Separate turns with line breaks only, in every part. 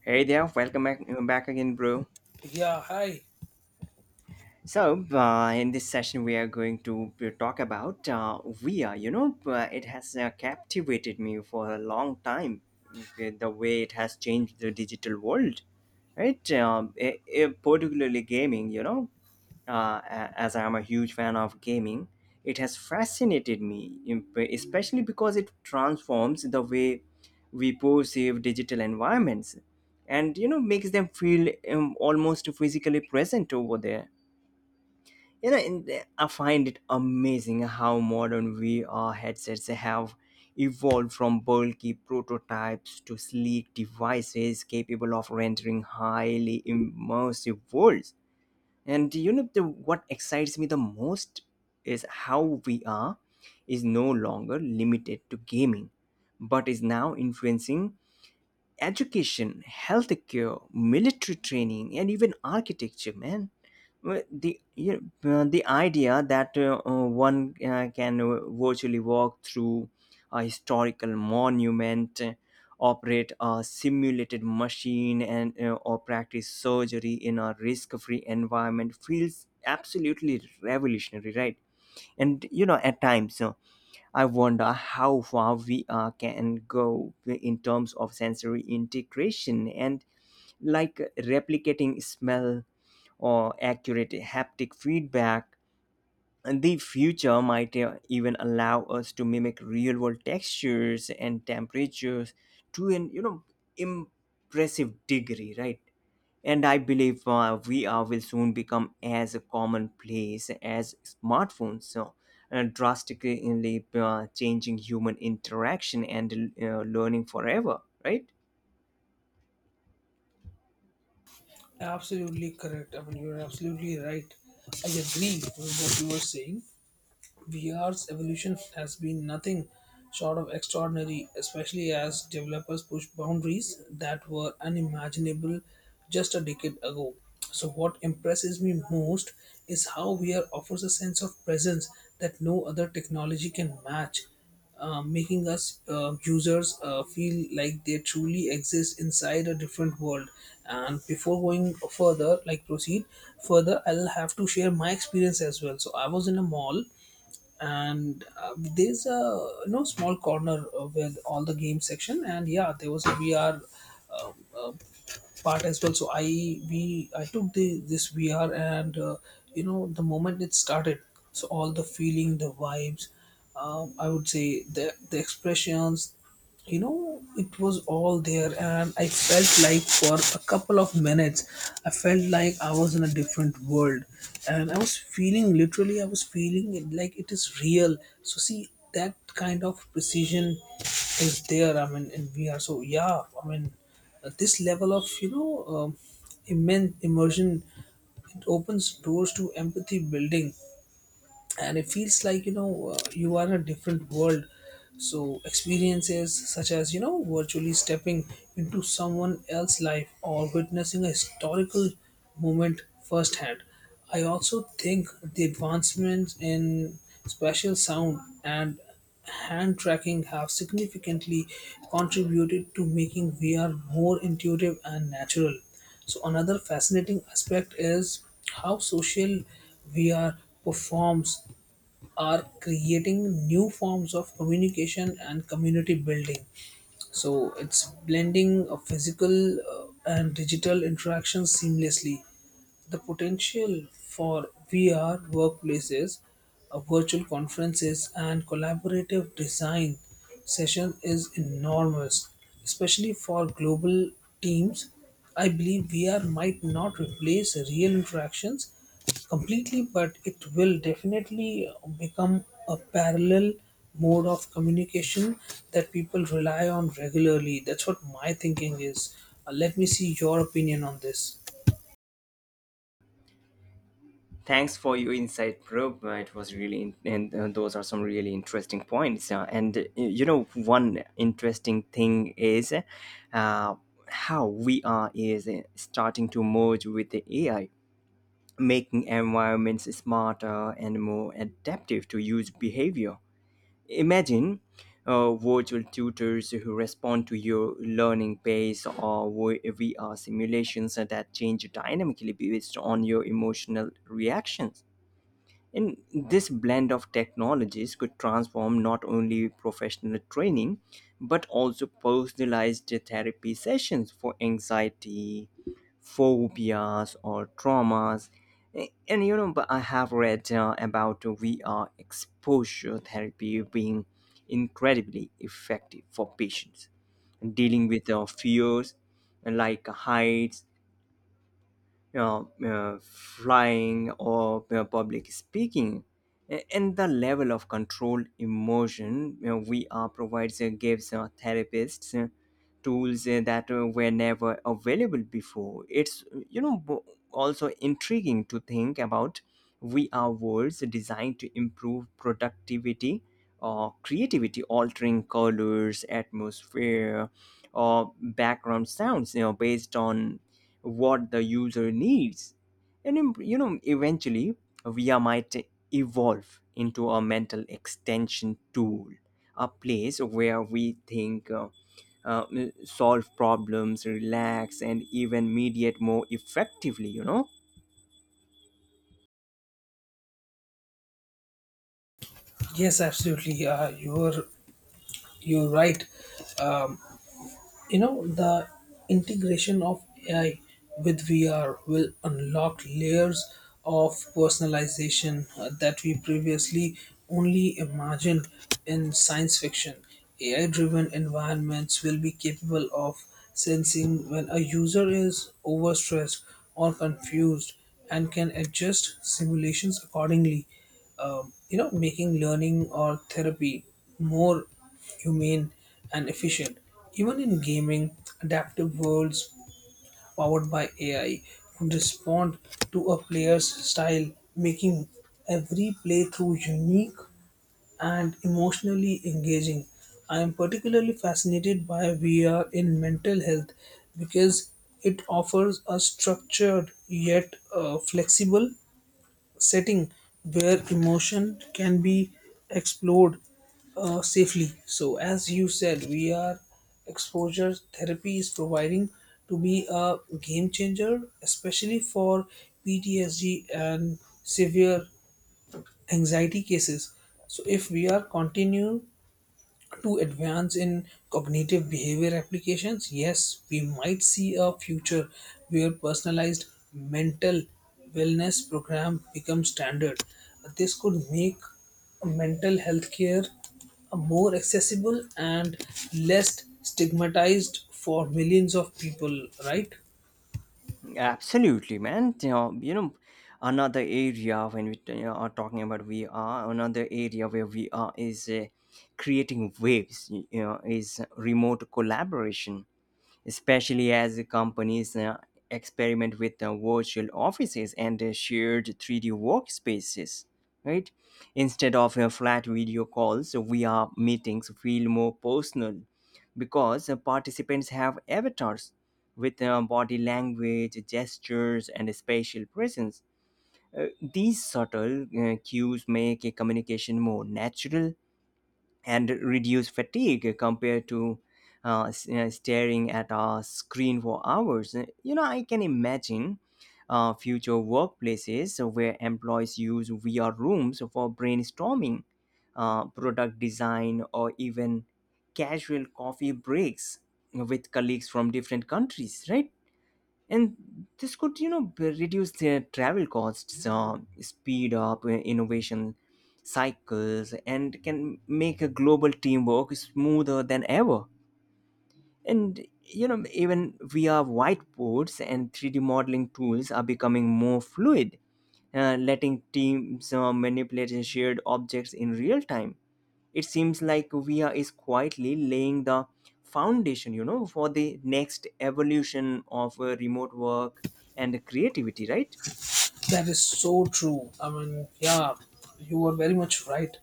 Hey there, welcome back, back again, bro.
Yeah, hi.
In this session, we are going to talk about VR. It has captivated me for a long time, the way it has changed the digital world, right? Particularly gaming, you know, as I'm a huge fan of gaming, it has fascinated me, especially because it transforms the way we perceive digital environments, and you know, makes them feel almost physically present over there, you know. And I find it amazing how modern VR headsets have evolved from bulky prototypes to sleek devices capable of rendering highly immersive worlds. And you know, the what excites me the most is how VR is no longer limited to gaming, but is now influencing education, healthcare, military training, and even architecture, man. Well, the idea that one can virtually walk through a historical monument, operate a simulated machine, and or practice surgery in a risk-free environment feels absolutely revolutionary, right? And you know, at times, I wonder how far VR can go in terms of sensory integration, and like replicating smell or accurate haptic feedback. And the future might even allow us to mimic real world textures and temperatures to an, you know, impressive degree, right? And I believe VR will soon become as commonplace as smartphones, so drastically changing human interaction and learning forever, right?
Absolutely correct. I mean, you're absolutely right. I agree with what you were saying. VR's evolution has been nothing short of extraordinary, especially as developers push boundaries that were unimaginable just a decade ago. So, what impresses me most is how VR offers a sense of presence that no other technology can match, making us users feel like they truly exist inside a different world. And before going further, I'll have to share my experience as well. So, I was in a mall and there's a no small corner with all the game section, and yeah, there was a VR uh, uh, part as well. So I took the this VR and you know, the moment it started, so all the feeling, the vibes, I would say the expressions, you know, it was all there. And I felt like for a couple of minutes I felt like I was in a different world, and I was feeling, it like it is real. So see, that kind of precision is there, I mean, in VR. So yeah, I mean, this level of, you know, immense immersion, it opens doors to empathy building, and it feels like, you know, you are in a different world. So experiences such as, you know, virtually stepping into someone else's life or witnessing a historical moment firsthand. I also think the advancements in spatial sound and hand tracking have significantly contributed to making VR more intuitive and natural. So, another fascinating aspect is how social VR performs are creating new forms of communication and community building. So, it's blending of physical and digital interactions seamlessly, the potential for VR workplaces, virtual conferences, and collaborative design session is enormous, especially for global teams. I believe VR might not replace real interactions completely, but it will definitely become a parallel mode of communication that people rely on regularly. That's what my thinking is. Let me see your opinion on this.
Thanks for your insight, bro. It was really, in- and those are some really interesting points. And You know, one interesting thing is uh, how VR is starting to merge with the AI, making environments smarter and more adaptive to user behavior. Imagine virtual tutors who respond to your learning pace, or VR simulations that change dynamically based on your emotional reactions. And this blend of technologies could transform not only professional training, but also personalized therapy sessions for anxiety, phobias, or traumas. And you know, but I have read about VR exposure therapy being incredibly effective for patients dealing with fears like heights, flying, or public speaking. And the level of controlled immersion we are provides gives therapists tools that were never available before. It's, you know, also intriguing to think about VR worlds designed to improve productivity or creativity, altering colors, atmosphere, or background sounds, you know, based on what the user needs. And you know, eventually, VIA might evolve into a mental extension tool, a place where we think, uh, solve problems, relax, and even mediate more effectively, you know.
Yes, absolutely. You're right. You know, the integration of AI with VR will unlock layers of personalization that we previously only imagined in science fiction. AI driven environments will be capable of sensing when a user is overstressed or confused and can adjust simulations accordingly, you know, making learning or therapy more humane, and efficient. Even in gaming, adaptive worlds powered by AI could respond to a player's style, making every playthrough unique and emotionally engaging. I am particularly fascinated by VR in mental health because it offers a structured yet flexible setting where emotion can be explored safely. So, as you said, we are exposure therapy is providing to be a game changer, especially for PTSD and severe anxiety cases. So, if we are continue to advance in cognitive behavior applications, yes, we might see a future where personalized mental wellness program becomes standard. This could make mental health care more accessible and less stigmatized for millions of people, right?
Absolutely, man. You know, another area when are talking about VR, another area where VR is creating waves, you know, is remote collaboration, especially as companies experiment with virtual offices and shared 3D workspaces, right? Instead of flat video calls, VR meetings feel more personal because participants have avatars with body language, gestures, and spatial presence. These subtle cues make a communication more natural and reduce fatigue compared to you know, staring at a screen for hours. You know, I can imagine future workplaces where employees use VR rooms for brainstorming, product design, or even casual coffee breaks with colleagues from different countries, right? And this could, you know, reduce their travel costs, speed up innovation cycles, and can make a global teamwork smoother than ever. And you know, even VR whiteboards and 3D modeling tools are becoming more fluid, letting teams manipulate shared objects in real time. It seems like VR is quietly laying the foundation, you know, for the next evolution of remote work and creativity, right?
That is so true. I mean, yeah, you are very much right.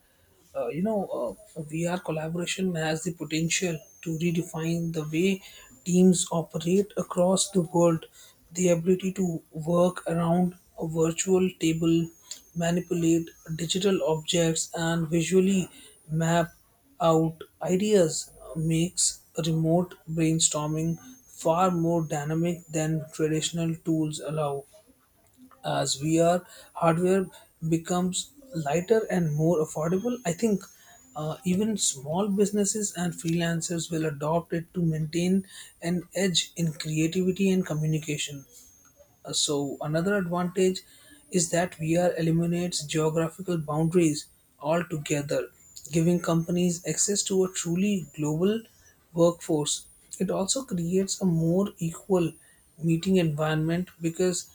VR collaboration has the potential to redefine the way teams operate across the world. The ability to work around a virtual table, manipulate digital objects, and visually map out ideas makes remote brainstorming far more dynamic than traditional tools allow, as VR hardware becomes lighter and more affordable. I think even small businesses and freelancers will adopt it to maintain an edge in creativity and communication. So another advantage is that VR eliminates geographical boundaries altogether, giving companies access to a truly global workforce. It also creates a more equal meeting environment because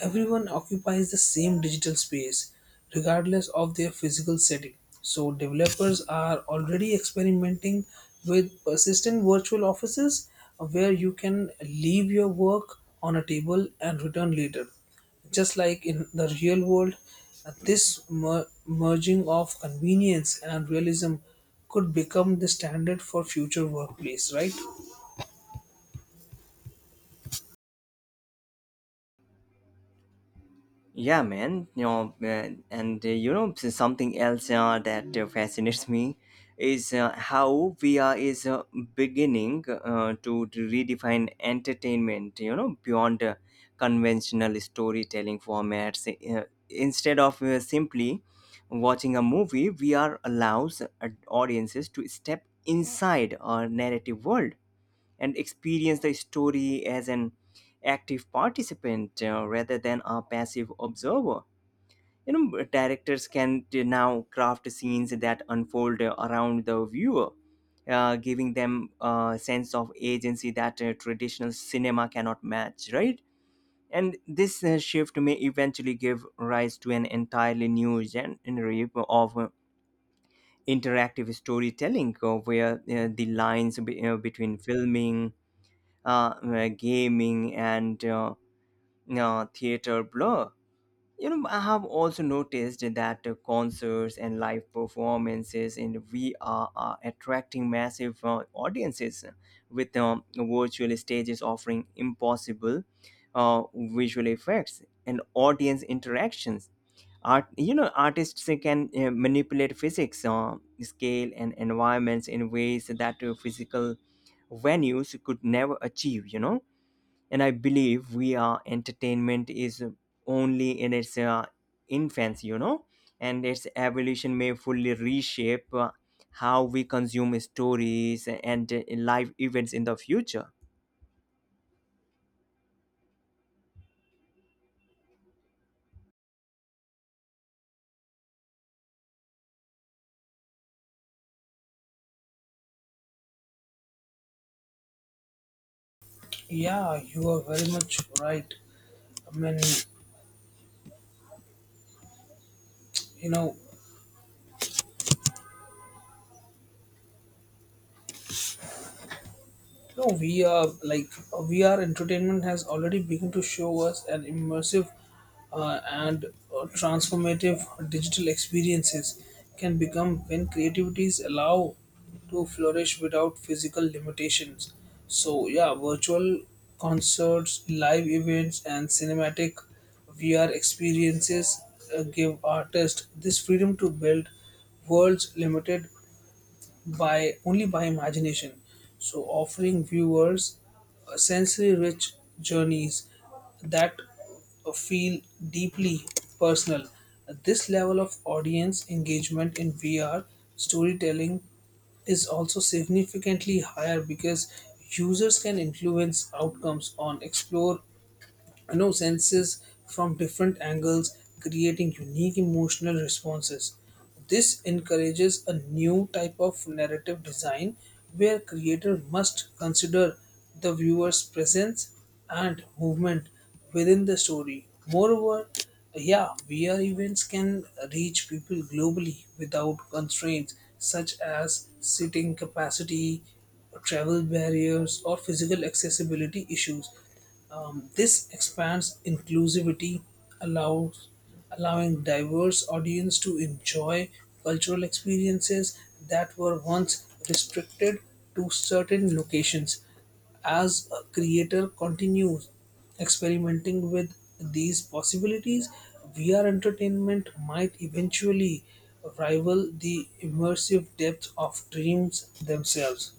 everyone occupies the same digital space regardless of their physical setting. So, developers are already experimenting with persistent virtual offices where you can leave your work on a table and return later. Just like in the real world, this merging of convenience and realism could become the standard for future workplace, right?
Yeah, man. You know, something else that fascinates me is how VR is beginning to redefine entertainment, you know, beyond conventional storytelling formats. Instead of simply watching a movie, VR allows audiences to step inside a narrative world and experience the story as an active participant, rather than a passive observer. You know, directors can now craft scenes that unfold around the viewer, giving them a sense of agency that traditional cinema cannot match, right? And this shift may eventually give rise to an entirely new genre of interactive storytelling, where the lines between filming, gaming, and theater blur. You know, I have also noticed that concerts and live performances in VR are attracting massive audiences, with virtual stages offering impossible visual effects and audience interactions. Artists can manipulate physics, scale, and environments in ways that physical venues could never achieve. You know, and I believe we are entertainment is only in its infancy, you know, and its evolution may fully reshape how we consume stories and live events in the future.
Yeah, you are very much right. I mean, you know, No, we are like VR entertainment has already begun to show us an immersive and transformative digital experiences can become when creativities allow to flourish without physical limitations. So yeah, virtual concerts, live events, and cinematic VR experiences give artists this freedom to build worlds limited by only by imagination, so offering viewers sensory rich journeys that feel deeply personal. This level of audience engagement in VR storytelling is also significantly higher because users can influence outcomes on explore, you know, senses from different angles, creating unique emotional responses. This encourages a new type of narrative design where creator must consider the viewer's presence and movement within the story. Moreover, yeah, VR events can reach people globally without constraints such as seating capacity, travel barriers, or physical accessibility issues. This expands inclusivity, allows allowing diverse audience to enjoy cultural experiences that were once restricted to certain locations. As a creator continues experimenting with these possibilities, VR entertainment might eventually rival the immersive depth of dreams themselves.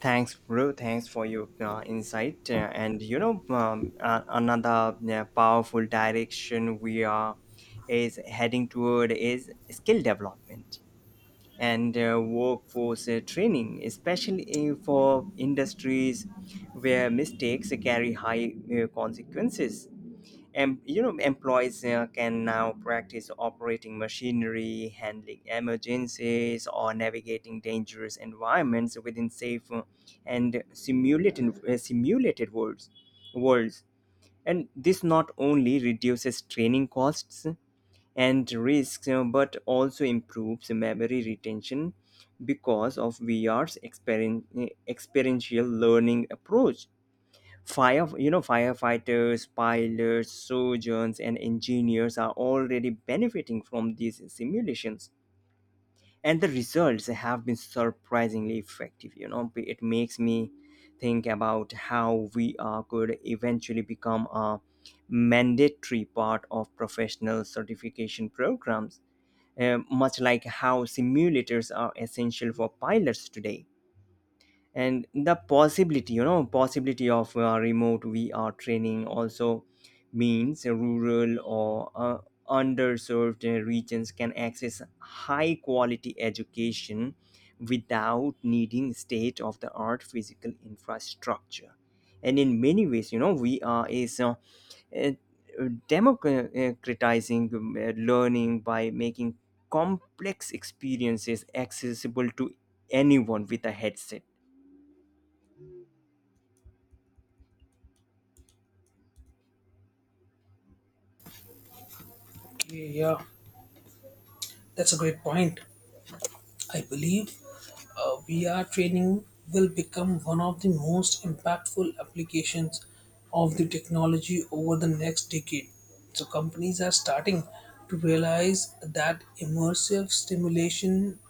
Thanks, bro, thanks for your insight. And you know, another powerful direction we are is heading toward is skill development and workforce training, especially for industries where mistakes carry high consequences. And you know, employees can now practice operating machinery, handling emergencies, or navigating dangerous environments within safe and simulated worlds, and this not only reduces training costs and risks, you know, but also improves memory retention because of VR's experiential learning approach. Firefighters, pilots, surgeons, and engineers are already benefiting from these simulations, and the results have been surprisingly effective. You know, it makes me think about how VR could eventually become a mandatory part of professional certification programs, much like how simulators are essential for pilots today. And the possibility you know possibility of remote VR training also means rural or underserved regions can access high quality education without needing state of the art physical infrastructure. And in many ways, you know, VR is uh, democratizing learning by making complex experiences accessible to anyone with a headset.
Okay, yeah, that's a great point. I believe VR training will become one of the most impactful applications of the technology over the next decade. So, companies are starting to realize that immersive stimulation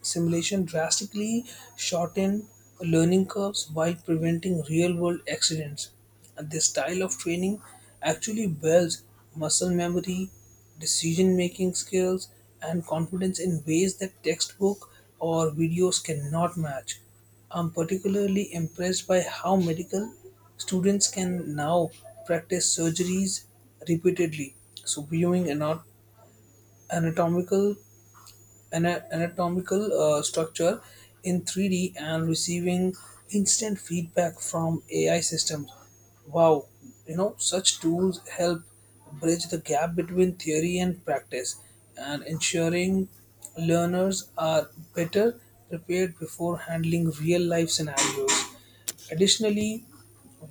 Simulation drastically shorten learning curves while preventing real world accidents. And this style of training actually builds muscle memory, decision making skills, and confidence in ways that textbook or videos cannot match. I'm particularly impressed by how medical students can now practice surgeries repeatedly. So, viewing anatomical anatomical structure in 3D and receiving instant feedback from AI systems. Wow, you know, such tools help bridge the gap between theory and practice and ensuring learners are better prepared before handling real life scenarios. Additionally,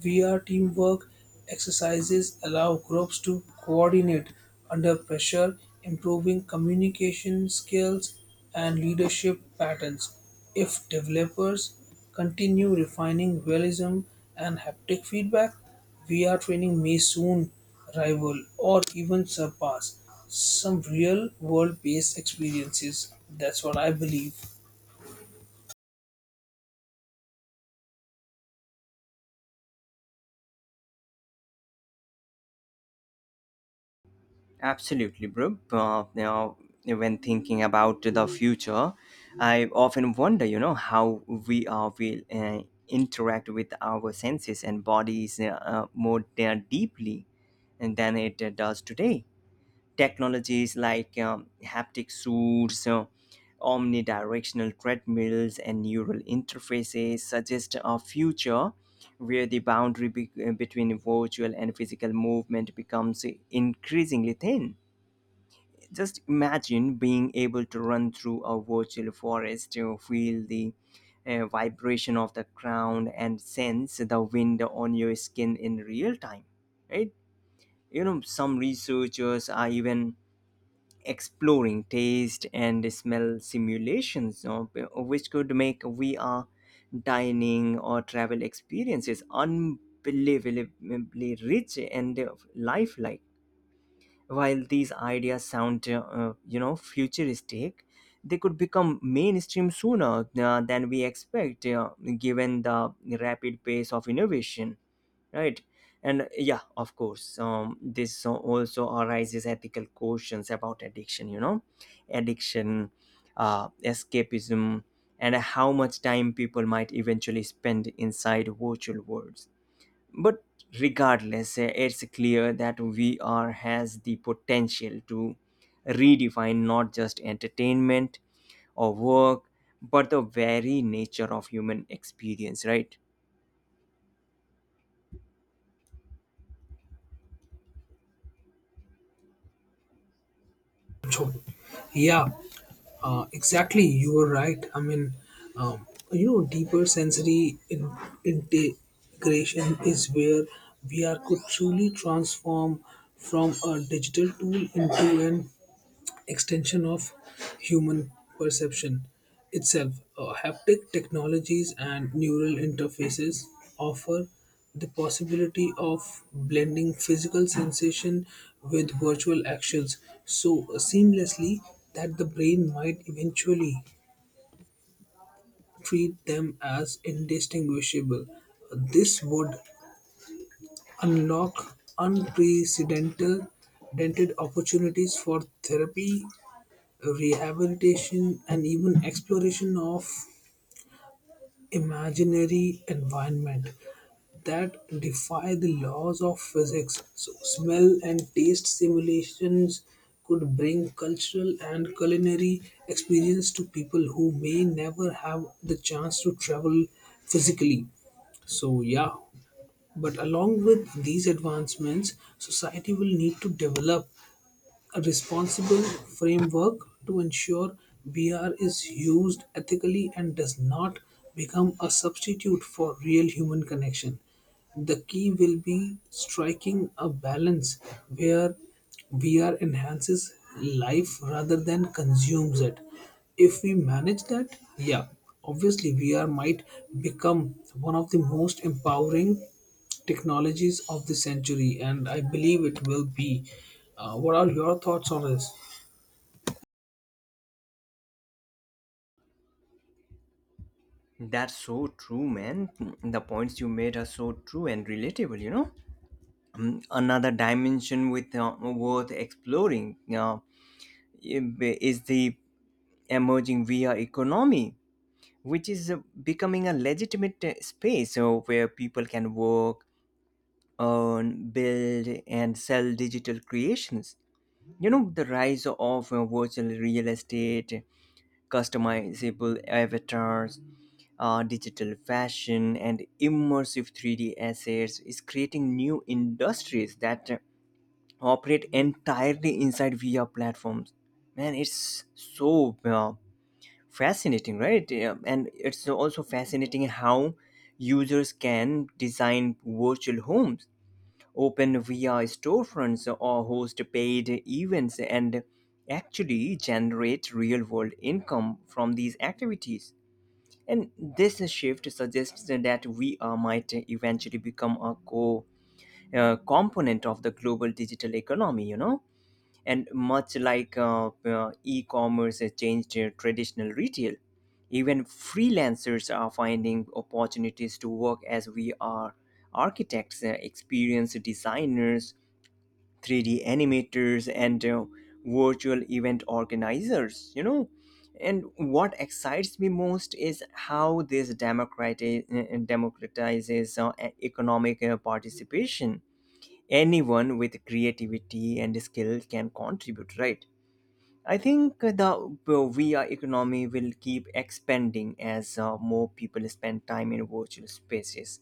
VR teamwork exercises allow groups to coordinate under pressure, improving communication skills and leadership patterns. If developers continue refining realism and haptic feedback, VR training may soon rival or even surpass some real world based experiences. That's what I believe.
Absolutely, bro. Now, when thinking about the future, I often wonder, you know, how we will interact with our senses and bodies more deeply than it does today. Technologies like haptic suits, omnidirectional treadmills, and neural interfaces suggest a future where the boundary between virtual and physical movement becomes increasingly thin. Just imagine being able to run through a virtual forest, to feel the vibration of the ground and sense the wind on your skin in real time, right? You know, some researchers are even exploring taste and smell simulations, you know, which could make VR dining or travel experiences unbelievably rich and lifelike. While these ideas sound, you know, futuristic, they could become mainstream sooner than we expect, given the rapid pace of innovation, right? And yeah, of course, this, so, also arises ethical questions about addiction, you know, addiction, escapism, and how much time people might eventually spend inside virtual worlds. But regardless, it's clear that VR has the potential to redefine not just entertainment or work, but the very nature of human experience, right?
So, yeah, exactly, you were right. I mean, um, you know, deeper sensory integration is where VR could truly transform from a digital tool into an extension of human perception itself. Haptic technologies and neural interfaces offer the possibility of blending physical sensation with virtual actions so seamlessly that the brain might eventually treat them as indistinguishable. This would unlock unprecedented opportunities for therapy, rehabilitation, and even exploration of imaginary environment that defy the laws of physics. So smell and taste simulations could bring cultural and culinary experience to people who may never have the chance to travel physically. So yeah, but along with these advancements, society will need to develop a responsible framework to ensure BR is used ethically and does not become a substitute for real human connection. The key will be striking a balance where BR enhances life rather than consumes it. If we manage that, yeah, obviously VR might become one of the most empowering technologies of the century, and I believe it will be. What are your thoughts on this?
That's so true, man. The points you made are so true and relatable, you know. Another dimension with worth exploring is the emerging VR economy, which is becoming a legitimate space where people can work, earn, build, and sell digital creations. You know, the rise of virtual real estate, customizable avatars, digital fashion, and immersive 3D assets is creating new industries that operate entirely inside VR platforms. Man, it's so fascinating, right? Yeah, and it's also fascinating how users can design virtual homes, open via storefronts, or host paid events, and actually generate real world income from these activities. And this shift suggests that we VR might eventually become a core component of the global digital economy, you know. And much like e commerce has changed traditional retail, even freelancers are finding opportunities to work as we are architects, experienced designers, 3D animators, and virtual event organizers, you know. And what excites me most is how this democratizes economic participation. Anyone with creativity and skill can contribute, right? I think the VR economy will keep expanding as more people spend time in virtual spaces,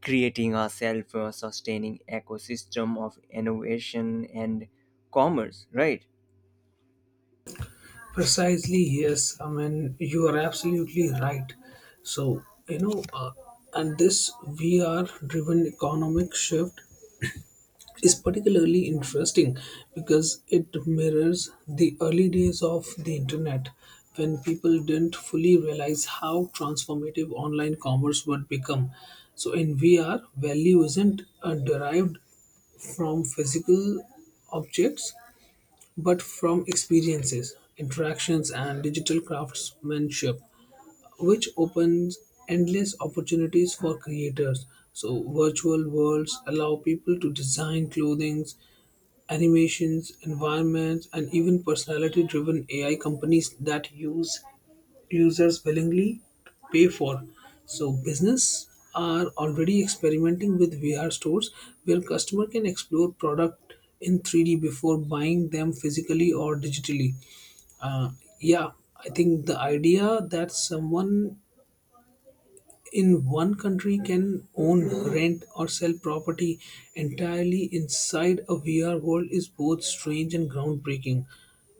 creating a self sustaining ecosystem of innovation and commerce, right?
Precisely, yes. I mean, you are absolutely right. So, you know, uh, and this VR driven economic shift is particularly interesting because it mirrors the early days of the internet when people didn't fully realize how transformative online commerce would become. So, in VR, value isn't derived from physical objects but from experiences, interactions, and digital craftsmanship, which opens endless opportunities for creators. So, virtual worlds allow people to design clothing, animations, environments, and even personality driven AI companies that use users willingly to pay for. So, business are already experimenting with VR stores where customer can explore product in 3D before buying them physically or digitally. Uh, yeah, I think the idea that someone in one country can own, rent, or sell property entirely inside a VR world is both strange and groundbreaking,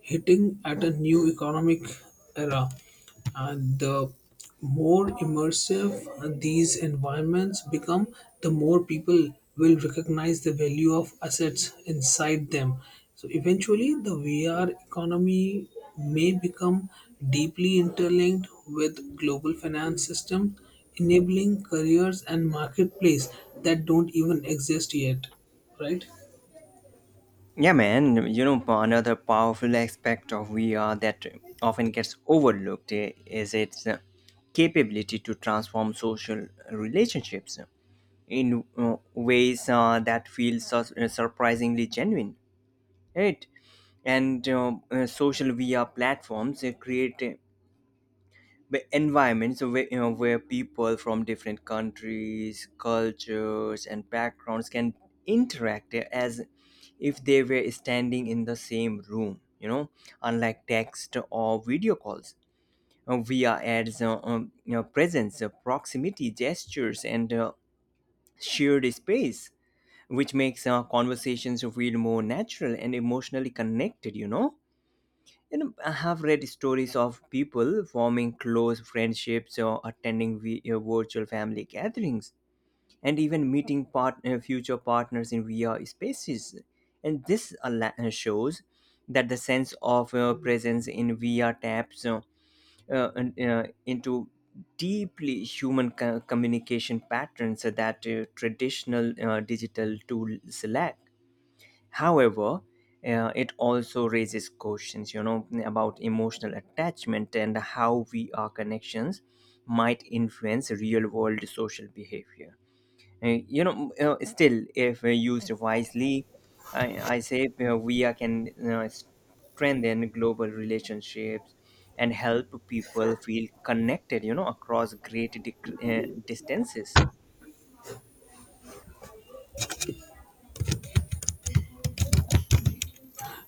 hitting at a new economic era. And the more immersive these environments become, the more people will recognize the value of assets inside them. So eventually, the VR economy may become deeply interlinked with global finance system enabling careers and marketplace that don't even exist yet, right?
Yeah, man, you know, another powerful aspect of VR that often gets overlooked is its capability to transform social relationships in ways that feel surprisingly genuine, right? And social via platforms create the environments where, you know, where people from different countries, cultures and backgrounds can interact as if they were standing in the same room, you know, unlike text or video calls. Via adds you know, presence, proximity, gestures and shared space, which makes conversations feel more natural and emotionally connected, you know. You know, I have read stories of people forming close friendships or attending virtual family gatherings, and even meeting future partners in vr spaces. And shows that the sense of presence in vr taps into deeply human communication patterns that traditional digital tools lack. However, it also raises questions, you know, about emotional attachment and how we our connections might influence real world social behavior. Still, if used wisely, I say we are can strengthen global relationships and help people feel connected, you know, across great distances.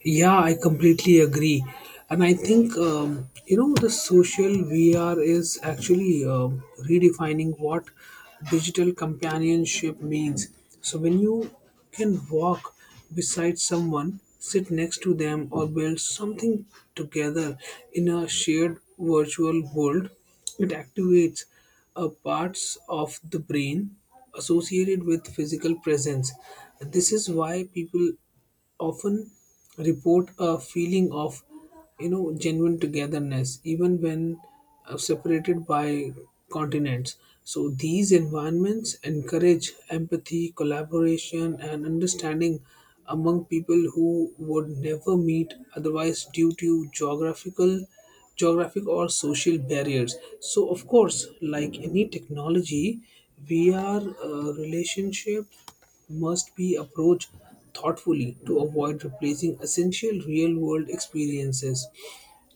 Yeah, I completely agree. And I think, you know, the social VR is actually redefining what digital companionship means. So when you can walk beside someone, sit next to them, or build something together in a shared virtual world, it activates parts of the brain associated with physical presence. This is why people often report a feeling of, you know, genuine togetherness even when separated by continents. So these environments encourage empathy, collaboration, and understanding among people who would never meet otherwise due to geographic or social barriers. So, of course, like any technology, VR relationship must be approached thoughtfully to avoid replacing essential real world experiences.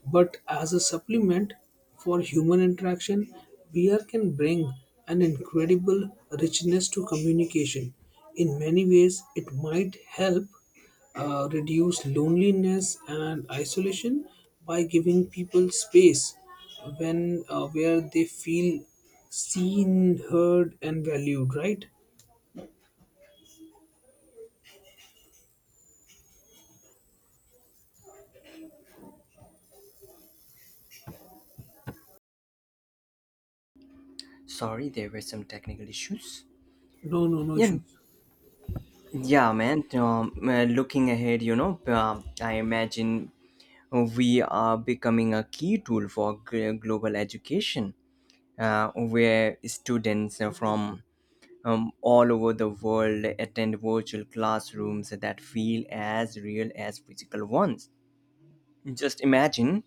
But as a supplement for human interaction, VR can bring an incredible richness to communication. In many ways, it might help reduce loneliness and isolation by giving people space when, where they feel seen, heard, and valued, right?
Sorry, there were some technical issues.
No, no, no
Yeah,
issues.
Yeah, man. Looking ahead, you know, I imagine we are becoming a key tool for global education, where students from all over the world attend virtual classrooms that feel as real as physical ones. Just imagine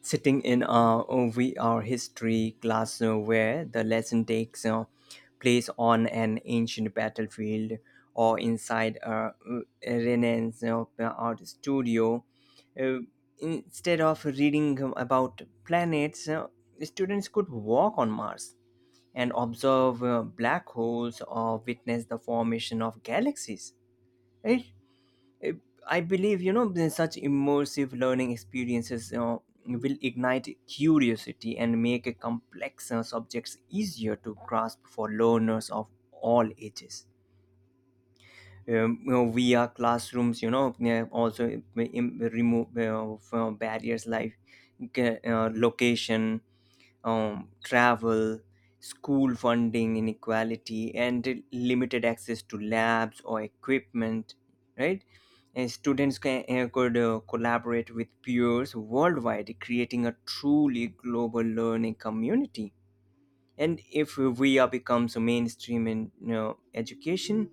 sitting in a V R history class where the lesson takes place on an ancient battlefield, or inside a Renaissance art studio. Uh, Instead of reading about planets, students could walk on Mars and observe black holes, or witness the formation of galaxies. It uh, I believe, you know, such immersive learning experiences, you know, will ignite curiosity and make a complex subjects easier to grasp for learners of all ages. You know, via classrooms, you know, yeah, also remove from barriers like location, travel, school funding inequality, and limited access to labs or equipment, right? And students could collaborate with peers worldwide, creating a truly global learning community. And if VR becomes mainstream in, you know, education,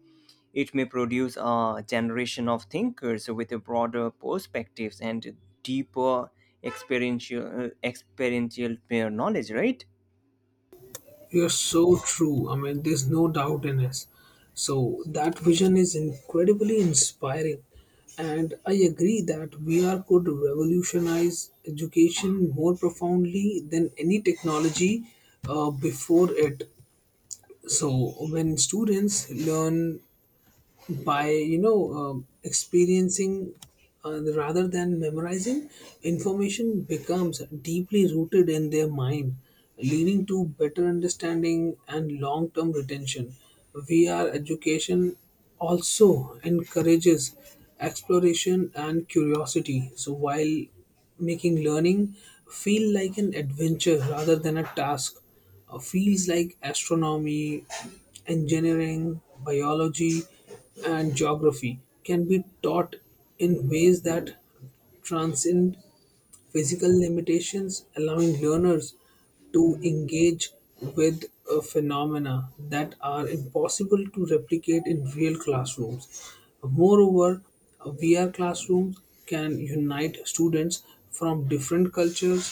it may produce a generation of thinkers with a broader perspectives and deeper experiential knowledge, right?
You're so true. I mean, there's no doubt in us. So that vision is incredibly inspiring, and I agree that VR could revolutionize education more profoundly than any technology before it. So when students learn by, you know, experiencing rather than memorizing, information becomes deeply rooted in their mind, leading to better understanding and long-term retention. VR education also encourages exploration and curiosity, so while making learning feel like an adventure rather than a task, fields like astronomy, engineering, biology, and geography can be taught in ways that transcend physical limitations, allowing learners to engage with phenomena that are impossible to replicate in real classrooms. Moreover, VR classrooms can unite students from different cultures,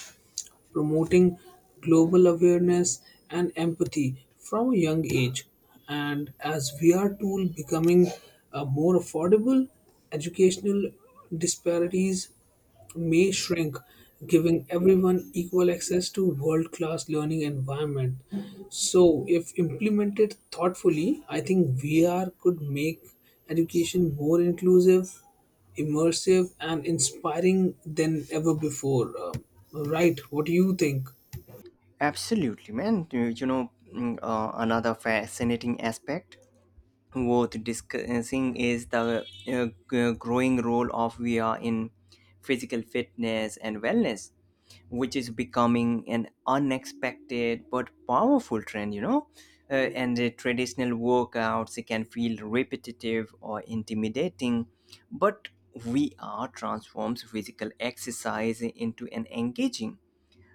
promoting global awareness and empathy from a young age. And as VR tool becoming more affordable, educational disparities may shrink, giving everyone equal access to world-class learning environment. So, if implemented thoughtfully, I think VR could make education more inclusive, immersive, and inspiring than ever before. Right? What do you think?
Absolutely, man. You know, another fascinating aspect worth discussing is the growing role of VR in physical fitness and wellness, which is becoming an unexpected but powerful trend, you know. Uh, and the traditional workouts it can feel repetitive or intimidating, but VR transforms physical exercise into an engaging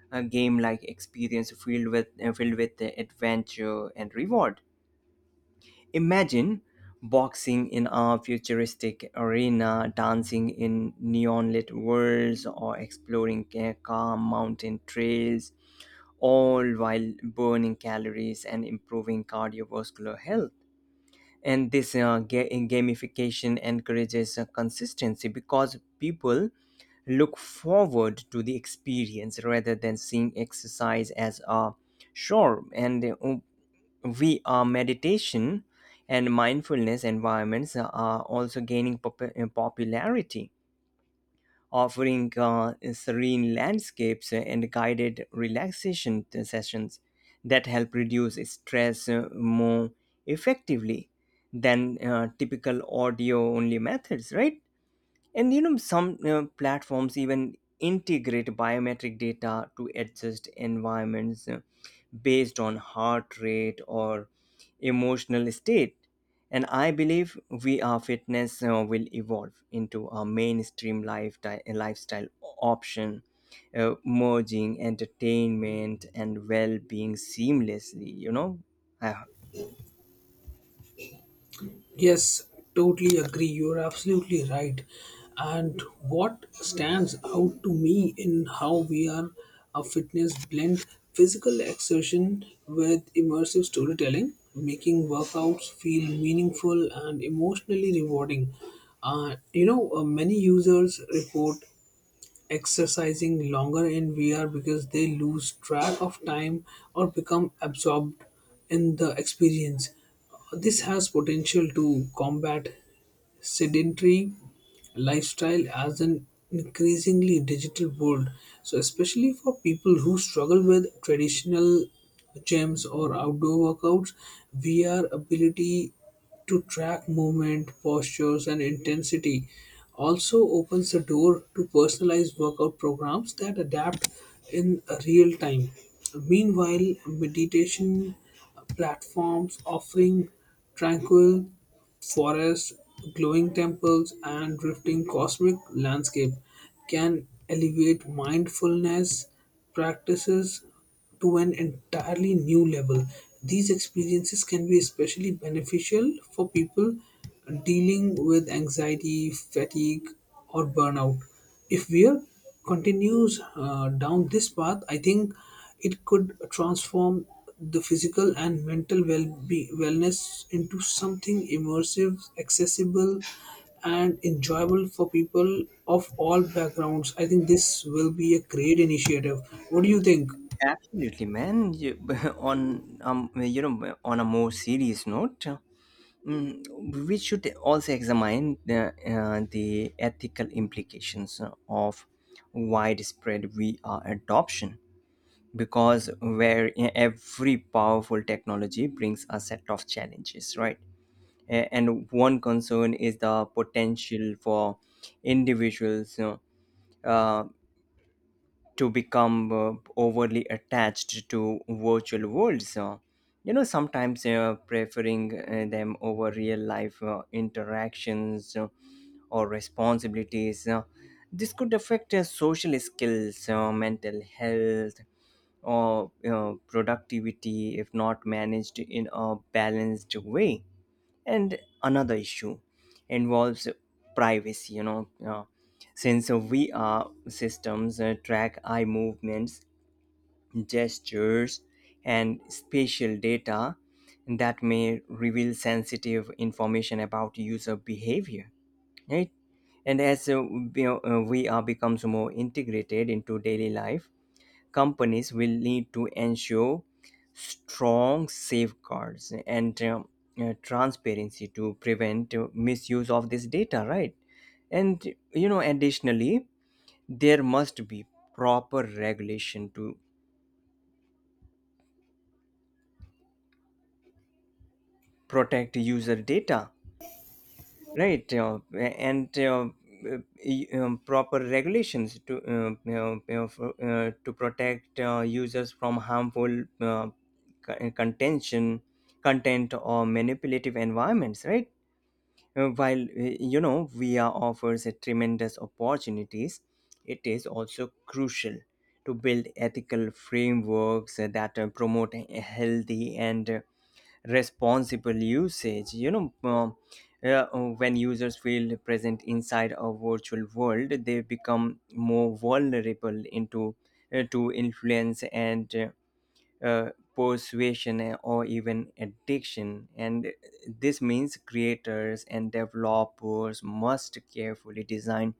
a game-like experience filled with adventure and reward. Imagine boxing in a futuristic arena, dancing in neon-lit worlds, or exploring calm mountain trails, all while burning calories and improving cardiovascular health. And gamification encourages consistency because people look forward to the experience rather than seeing exercise as a chore. And we are meditation and mindfulness environments are also gaining popularity, offering serene landscapes and guided relaxation sessions that help reduce stress more effectively than typical audio only methods, right? And you know, some platforms even integrate biometric data to adjust environments based on heart rate or emotional state. And I believe VR fitness will evolve into a mainstream lifestyle option, merging entertainment and well being seamlessly, you know. Uh,
Yes, totally agree. You're absolutely right. And what stands out to me in how we are a fitness blend physical exertion with immersive storytelling, making workouts feel meaningful and emotionally rewarding. You know, many users report exercising longer in VR because they lose track of time or become absorbed in the experience. This has potential to combat sedentary lifestyle as an increasingly digital world. So, especially for people who struggle with traditional gyms or outdoor workouts, VR ability to track movement, postures, and intensity also opens the door to personalized workout programs that adapt in real time. Meanwhile, meditation platforms offering tranquil forests, glowing temples, and drifting cosmic landscape can elevate mindfulness practices to an entirely new level. These experiences can be especially beneficial for people dealing with anxiety, fatigue, or burnout. If Weir continues down this path, I think it could transform the physical and mental wellness into something immersive, accessible, and enjoyable for people of all backgrounds. I think this will be a great initiative. What do you think?
Absolutely, man. You, on you know, on a more serious note, we should also examine the ethical implications of widespread VR adoption because where every powerful technology brings a set of challenges, right? And one concern is the potential for individuals, you know, uh, to become overly attached to virtual worlds. You know, sometimes preferring them over real life interactions or responsibilities. This could affect social skills, mental health, or, you know, productivity if not managed in a balanced way. And another issue involves privacy, you know. Since VR systems track eye movements, gestures, and spatial data that may reveal sensitive information about user behavior, right? And as VR becomes more integrated into daily life, companies will need to ensure strong safeguards and transparency to prevent misuse of this data, right? And you know, additionally, there must be proper regulation to protect user data, right? Uh, Proper regulations to, to protect users from harmful co- contention content or manipulative environments, right? While, you know, VR offers a tremendous opportunities, it is also crucial to build ethical frameworks that promote a healthy and responsible usage. You know, uh, when users feel present inside a virtual world, they become more vulnerable into to influence and uh, persuasion or even addiction. And this means creators and developers must carefully design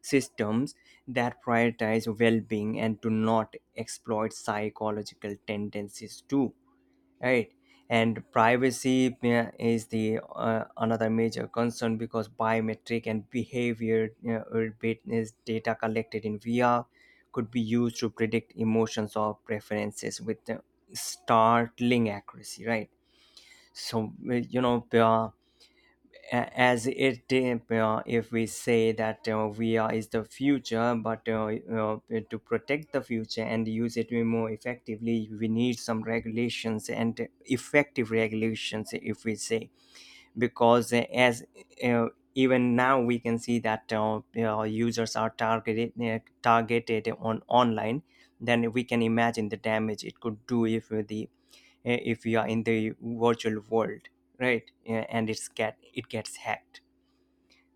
systems that prioritize well-being and do not exploit psychological tendencies too, right? And privacy is the another major concern because biometric and behavior or bit- is data collected in vr could be used to predict emotions or preferences with startling accuracy, right? So, as it, if we say that, VR is the future, but, to protect the future and use it more effectively, we need some regulations and effective regulations, if we say, because, as uh, even now we can see that, you know, users are targeted on online. Then we can imagine the damage it could do if the if we are in the virtual world, right? Yeah, and it gets hacked.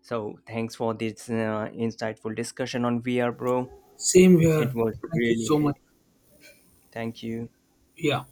So thanks for this insightful discussion on VR, bro.
Same
It
here.
was
Thank you
really
so much.
thank you.
Yeah.